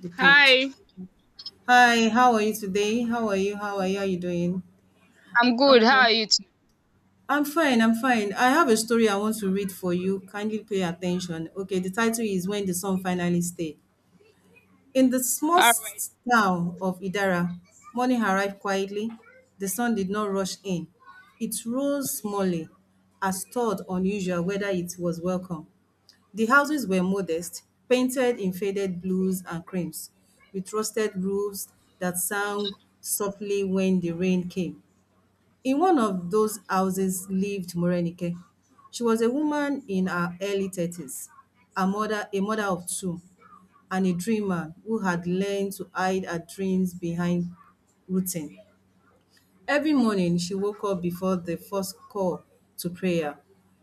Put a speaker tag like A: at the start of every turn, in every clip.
A: The page.
B: Hi,
A: Hi, how are you today? How are you? How are you? How are you doing?
B: I'm good. How
A: Okay.
B: are you? Too?
A: I'm fine. I have a story I want to read for you. Kindly pay attention. Okay, the title is When the Sun Finally Stayed. In the small
B: All right.
A: town of Idara, morning arrived quietly. The sun did not rush in. It rose smallly, as thought unusual whether it was welcome. The houses were modest, painted in faded blues and creams, with rusted roofs that sang softly when the rain came. In one of those houses lived Morenike. She was a woman in her early thirties, a mother of two, and a dreamer who had learned to hide her dreams behind routine. Every morning, she woke up before the first call to prayer,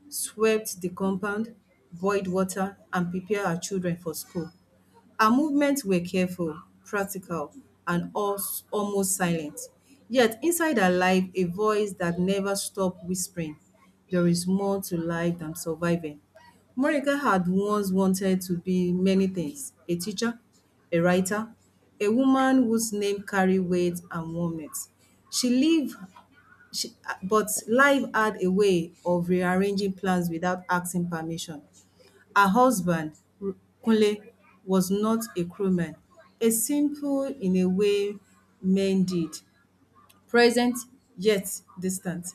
A: swept the compound, boiled water, and prepared her children for school. Our movements were careful, practical, and almost silent. Yet, inside our life, a voice that never stopped whispering, there is more to life than surviving. Monica had once wanted to be many things: a teacher, a writer, a woman whose name carried weight and warmth. She lived, she, but life had a way of rearranging plans without asking permission. Her husband, R- Kunle, was not a crewman, a simple in a way men did, present yet distant.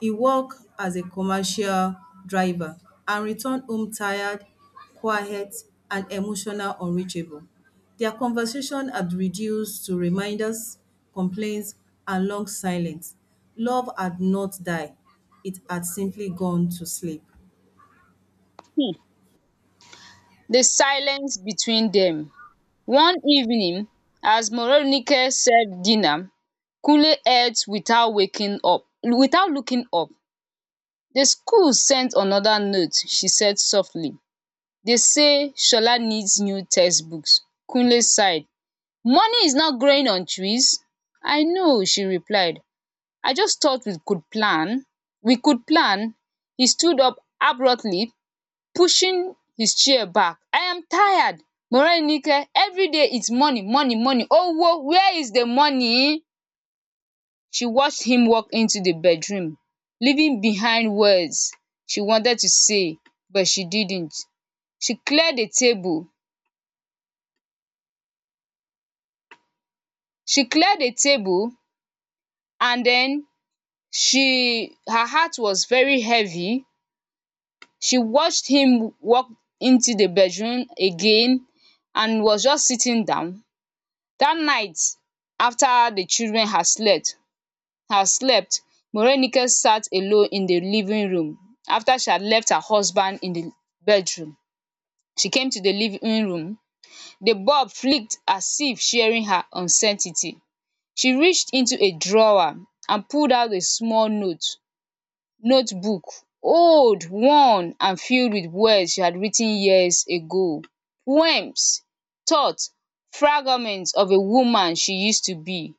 A: He worked as a commercial driver and returned home tired, quiet and emotional unreachable. Their conversation had reduced to reminders, complaints and long silence. Love had not died. It had simply gone to sleep.
B: Hmm. The silence between them. One evening, as Moronike served dinner, Kule ate without waking up, without looking up. The school sent another note, she said softly. They say Shola needs new textbooks. Kunle sighed. Money is not growing on trees. I know, she replied. I just thought we could plan. We could plan. He stood up abruptly, pushing his chair back. I am tired. Morenike, every day it's money, money, money. Owo, where is the money? She watched him walk into the bedroom, leaving behind words she wanted to say, but she didn't. She cleared the table. She cleared the table and then she her heart was very heavy. She watched him walk into the bedroom again and was just sitting down. That night, after the children had slept, morenike sat alone in the living room. After she had left her husband in the bedroom, she came to the living room. The bulb flicked as if sharing her uncertainty. She reached into a drawer and pulled out a small notebook, old, worn, and filled with words she had written years ago: poems, thoughts, fragments of a woman she used to be.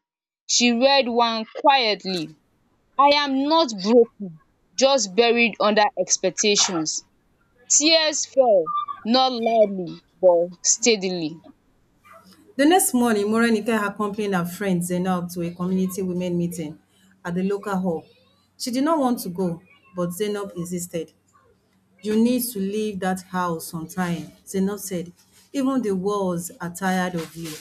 B: She read one quietly. I am not broken, just buried under expectations. Tears fell, not loudly but steadily.
A: The next morning, Morenike accompanied her friend Zainab to a community women meeting at the local hall. She did not want to go, but Zainab insisted. You need to leave that house on time, Zainab said. Even the walls are tired of you.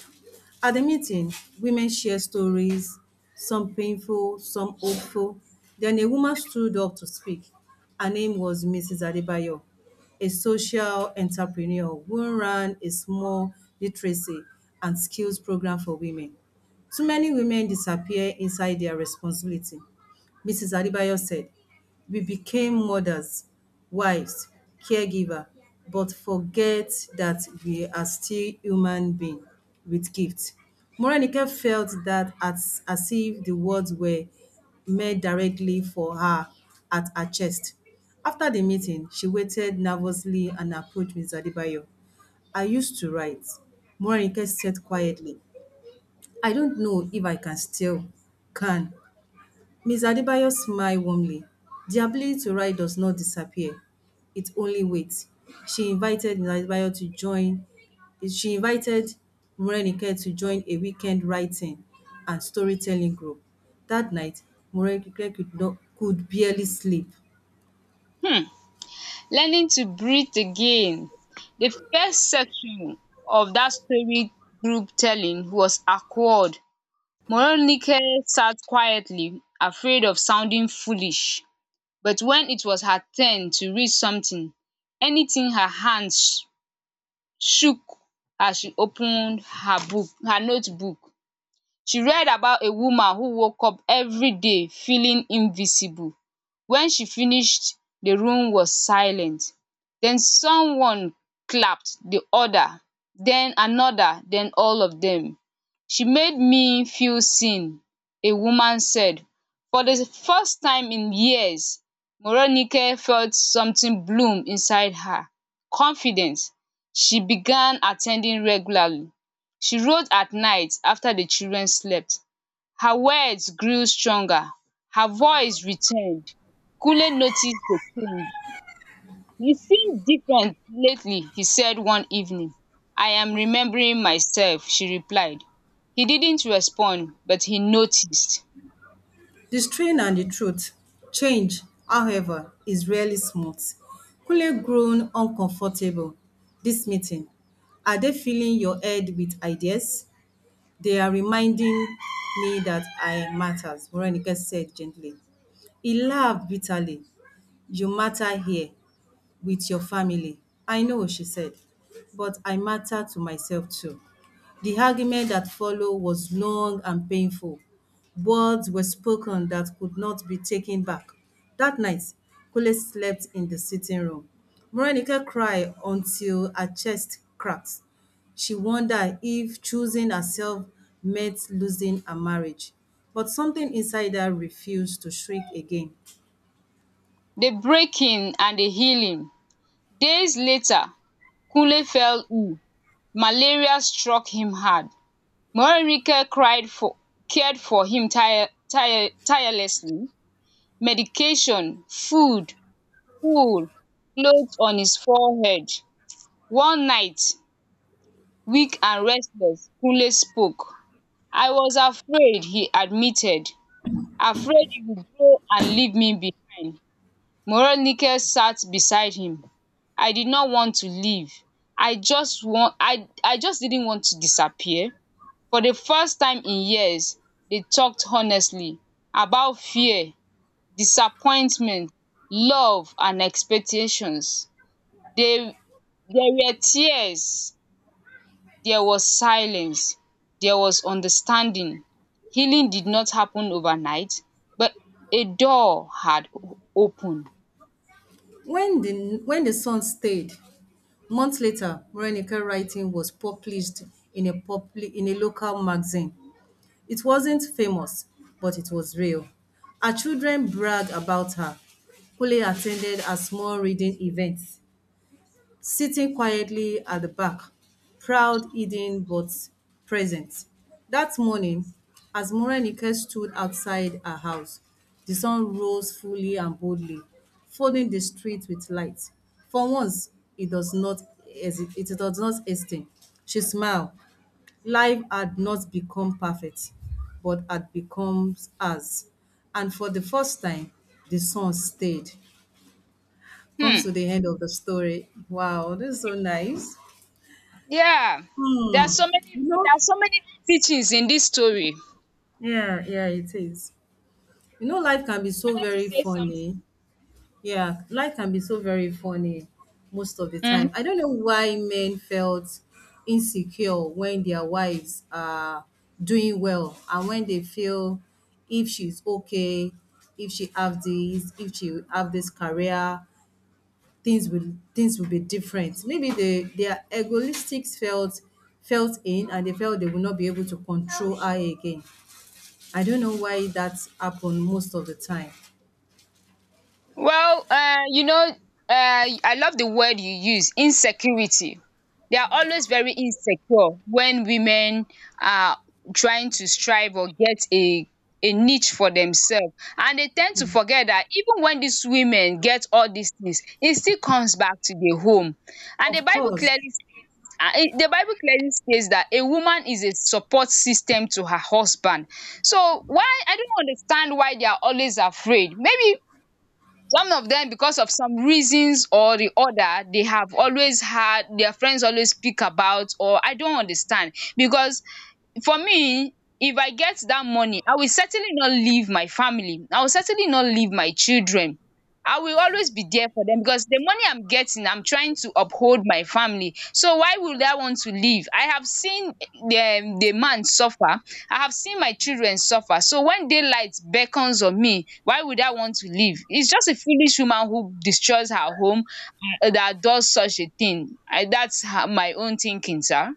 A: At the meeting, women shared stories, some painful, some hopeful. Then a woman stood up to speak. Her name was Mrs. Adebayo, a social entrepreneur who ran a small literacy and skills program for women. Too many women disappear inside their responsibility, Mrs. Adebayo said. We became mothers, wives, caregiver, but forget that we are still human beings with gifts. Morenike felt that as if the words were made directly for her at her chest. After the meeting, she waited nervously and approached Ms. Adebayo. I used to write. Morenike said quietly, I don't know if I can still can. Ms. Adebayo smiled warmly. The ability to write does not disappear. It only waits. She invited Ms. Adebayo to join she invited Morenike to join a weekend writing and storytelling group. That night, Morenike could not could barely sleep.
B: um Learning to breathe again. The first section of that story group telling was awkward. Moronike sat quietly, afraid of sounding foolish. But when it was her turn to read something, anything, her hands shook as she opened her notebook. She read about a woman who woke up every day feeling invisible. When she finished, the room was silent. Then someone clapped, the other, then another, then all of them. She made me feel seen, a woman said. For the first time in years, Moronike felt something bloom inside her: confidence. She began attending regularly. She wrote at night after the children slept. Her words grew stronger, her voice returned. Kule noticed the change. You seem different lately, he said one evening. I am remembering myself, she replied. He didn't respond, but he noticed.
A: The strain and the truth. Change, however, is rarely smooth. Kule groaned uncomfortable. This meeting. Are they filling your head with ideas? They are reminding me that I matters, Veronica said gently. He laughed bitterly. You matter here with your family. I know, she said, but I matter to myself too. The argument that followed was long and painful. Words were spoken that could not be taken back. That night, Kule slept in the sitting room. Morenike cried until her chest cracked. She wondered if choosing herself meant losing her marriage. But something inside her refused to shrink again.
B: The breaking and the healing. Days later, Kule fell ill. Malaria struck him hard. Morenike cried for cared for him tirelessly. Medication, food, full cloth on his forehead. One night, weak and restless, Kunle spoke. I was afraid, he admitted. Afraid he would go and leave me behind. Morenike sat beside him. I did not want to leave. I just want i i just didn't want to disappear. For the first time in years, they talked honestly about fear, disappointment, love, and expectations. There were tears, there was silence, there was understanding. Healing did not happen overnight, but a door had opened.
A: When the sun stayed, months later, Morenike's writing was published in a publi in a local magazine. It wasn't famous, but it was real. Her children bragged about her. Kule attended a small reading event sitting quietly at the back, proud, hidden, but present. That morning, as Morenike stood outside her house, the sun rose fully and boldly, flooding the street with light. For once, it does not it does not hasten. She smiled. Life had not become perfect, but had become ours. And for the first time, the sun stayed. Comes to
B: Hmm.
A: the end of the story. Wow, this is so nice.
B: Yeah. There are
A: Hmm.
B: so many
A: You know,
B: there are so many teachings in this story.
A: yeah, yeah, it is. You know, life can be
B: I
A: so
B: wanted to
A: very
B: say something?
A: funny. Yeah, life can be so very funny most of the time.
B: Mhm.
A: I don't know why men felt insecure when their wives are doing well, and when they feel if she's okay, if she have this, if she have this career, things will be different. Maybe they their egoistics felt felt in, and they felt they will not be able to control her again. I don't know why that happen most of the time.
B: Well, I love the word you use, insecurity. They are always very insecure when women are trying to strive or get a niche for themselves. And they tend to forget that even when these women get all these things, it still comes back to the home. And the
A: Of
B: Bible
A: course.
B: clearly states that a woman is a support system to her husband. So, why I don't understand why they are always afraid. Maybe some of them, because of some reasons or the other, they have always had their friends always speak about, or I don't understand, because for me, if I get that money, I will certainly not leave my family. I will certainly not leave my children. I will always be there for them because the money I'm getting, I'm trying to uphold my family. So why would I want to leave? I have seen the man suffer. I have seen my children suffer. So when daylight beckons on me, why would I want to leave? It's just a foolish woman who destroys her home, that does such a thing. I That's her my own thinking, sir.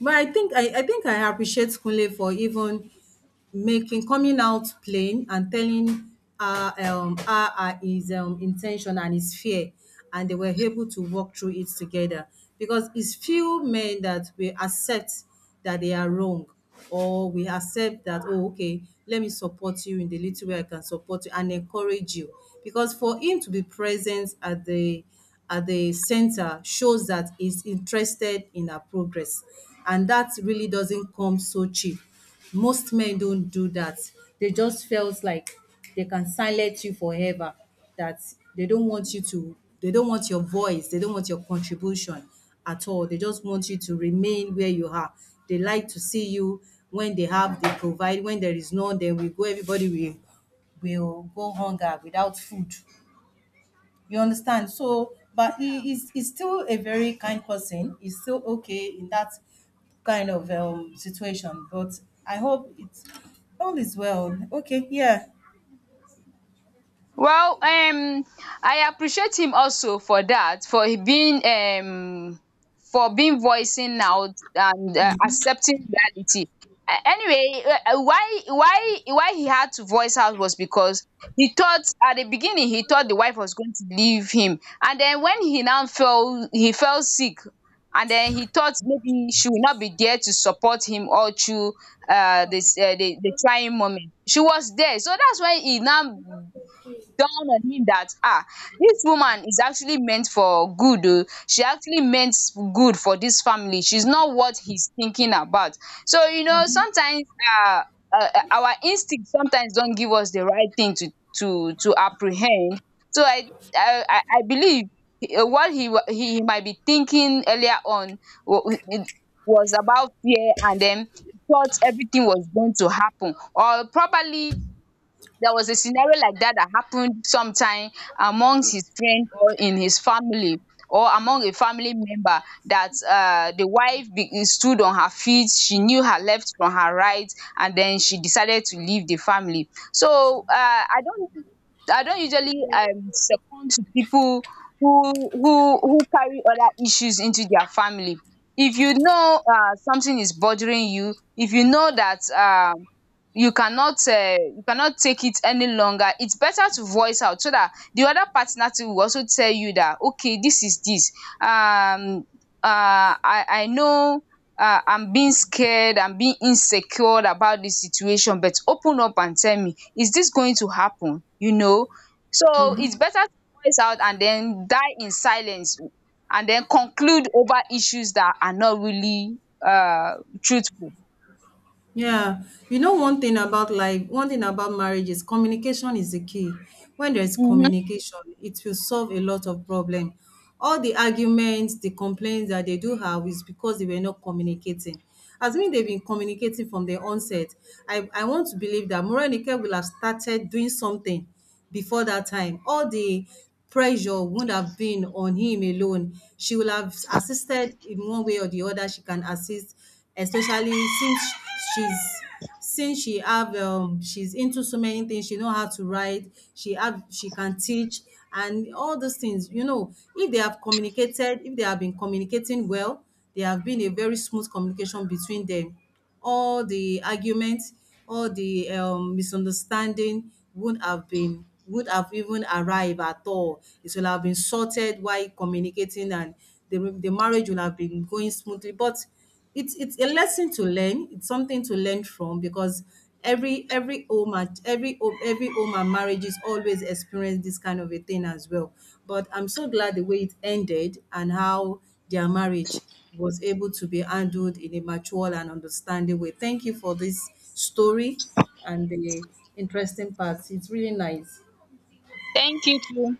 A: But I think I appreciate Kunle for even making coming out plain and telling her her, his intention and his fear, and they were able to walk through it together, because it's few men that will accept that they are wrong, or we accept that, oh okay, let me support you in the little way I can support you and encourage you. Because for him to be present at the center shows that he's interested in our progress, and that really doesn't come so cheap. Most men don't do that. They just felt like they can silence you forever, that they don't want you to they don't want your voice, they don't want your contribution at all. They just want you to remain where you are. They like to see you when they have, they provide. When there is none, then we go, everybody will go hunger without food. You understand? So, but he's still a very kind person. He's still okay in that kind of situation. But I hope it's all is well. Okay, yeah.
B: Well, I appreciate him also for that, for he being for being voicing out and accepting reality. Anyway, why he had to voice out was because he thought at the beginning, he thought the wife was going to leave him. And then when he now fell he fell sick, and then he thought maybe she will not be there to support him all through this, the trying moment. She was there. So that's why he now dawn on him that, ah, this woman is actually meant for good. Oh, she actually meant good for this family. She's not what he's thinking about. So, you know,
A: Mhm.
B: sometimes um our instinct sometimes don't give us the right thing to apprehend. So I believe what he might be thinking earlier on wa was about fear. And then he thought everything was going to happen, or probably there was a scenario like that that happened sometime amongst his friend or in his family, or among a family member, that the stood on her feet, she knew her left from her right, and then she decided to leave the family. So I don't, I don't usually succumb to people who carry other issues into their family. If you know something is bothering you, if you know that you cannot take it any longer, it's better to voice out so that the other partner too will also tell you that, okay, this is this. um I know, I'm being scared, I'm being insecure about this situation, but open up and tell me, is this going to happen, you know? So it's better to voice out and then die in silence, and then conclude over issues that are not really, uh, truthful.
A: Yeah, you know, one thing about life, one thing about marriage is communication is the key. When there is
B: um
A: communication, it will solve a lot of problem. All the arguments, the complaints that they do have is because they were not communicating. As mean they've been communicating from the onset, I want to believe that Morenike will have started doing something before that time, all the pressure wouldn't have been on him alone. She will have assisted in one way or the other. She can assist, especially since she's since she have she's into so many things. She know how to write. She can teach and all those things. You know, if they have communicated, if they have been communicating well, there have been a very smooth communication between them, all the arguments, all the misunderstanding wouldn't have been would have even arrived at all. It will have been sorted while communicating, and the marriage will have been going smoothly. But it's a lesson to learn. It's something to learn from, because every home and marriages always experience this kind of a thing as well. But I'm so glad the way it ended and how their marriage was able to be handled in a mature and understanding way. Thank you for this story and the interesting parts. It's really nice.
B: Thank you too.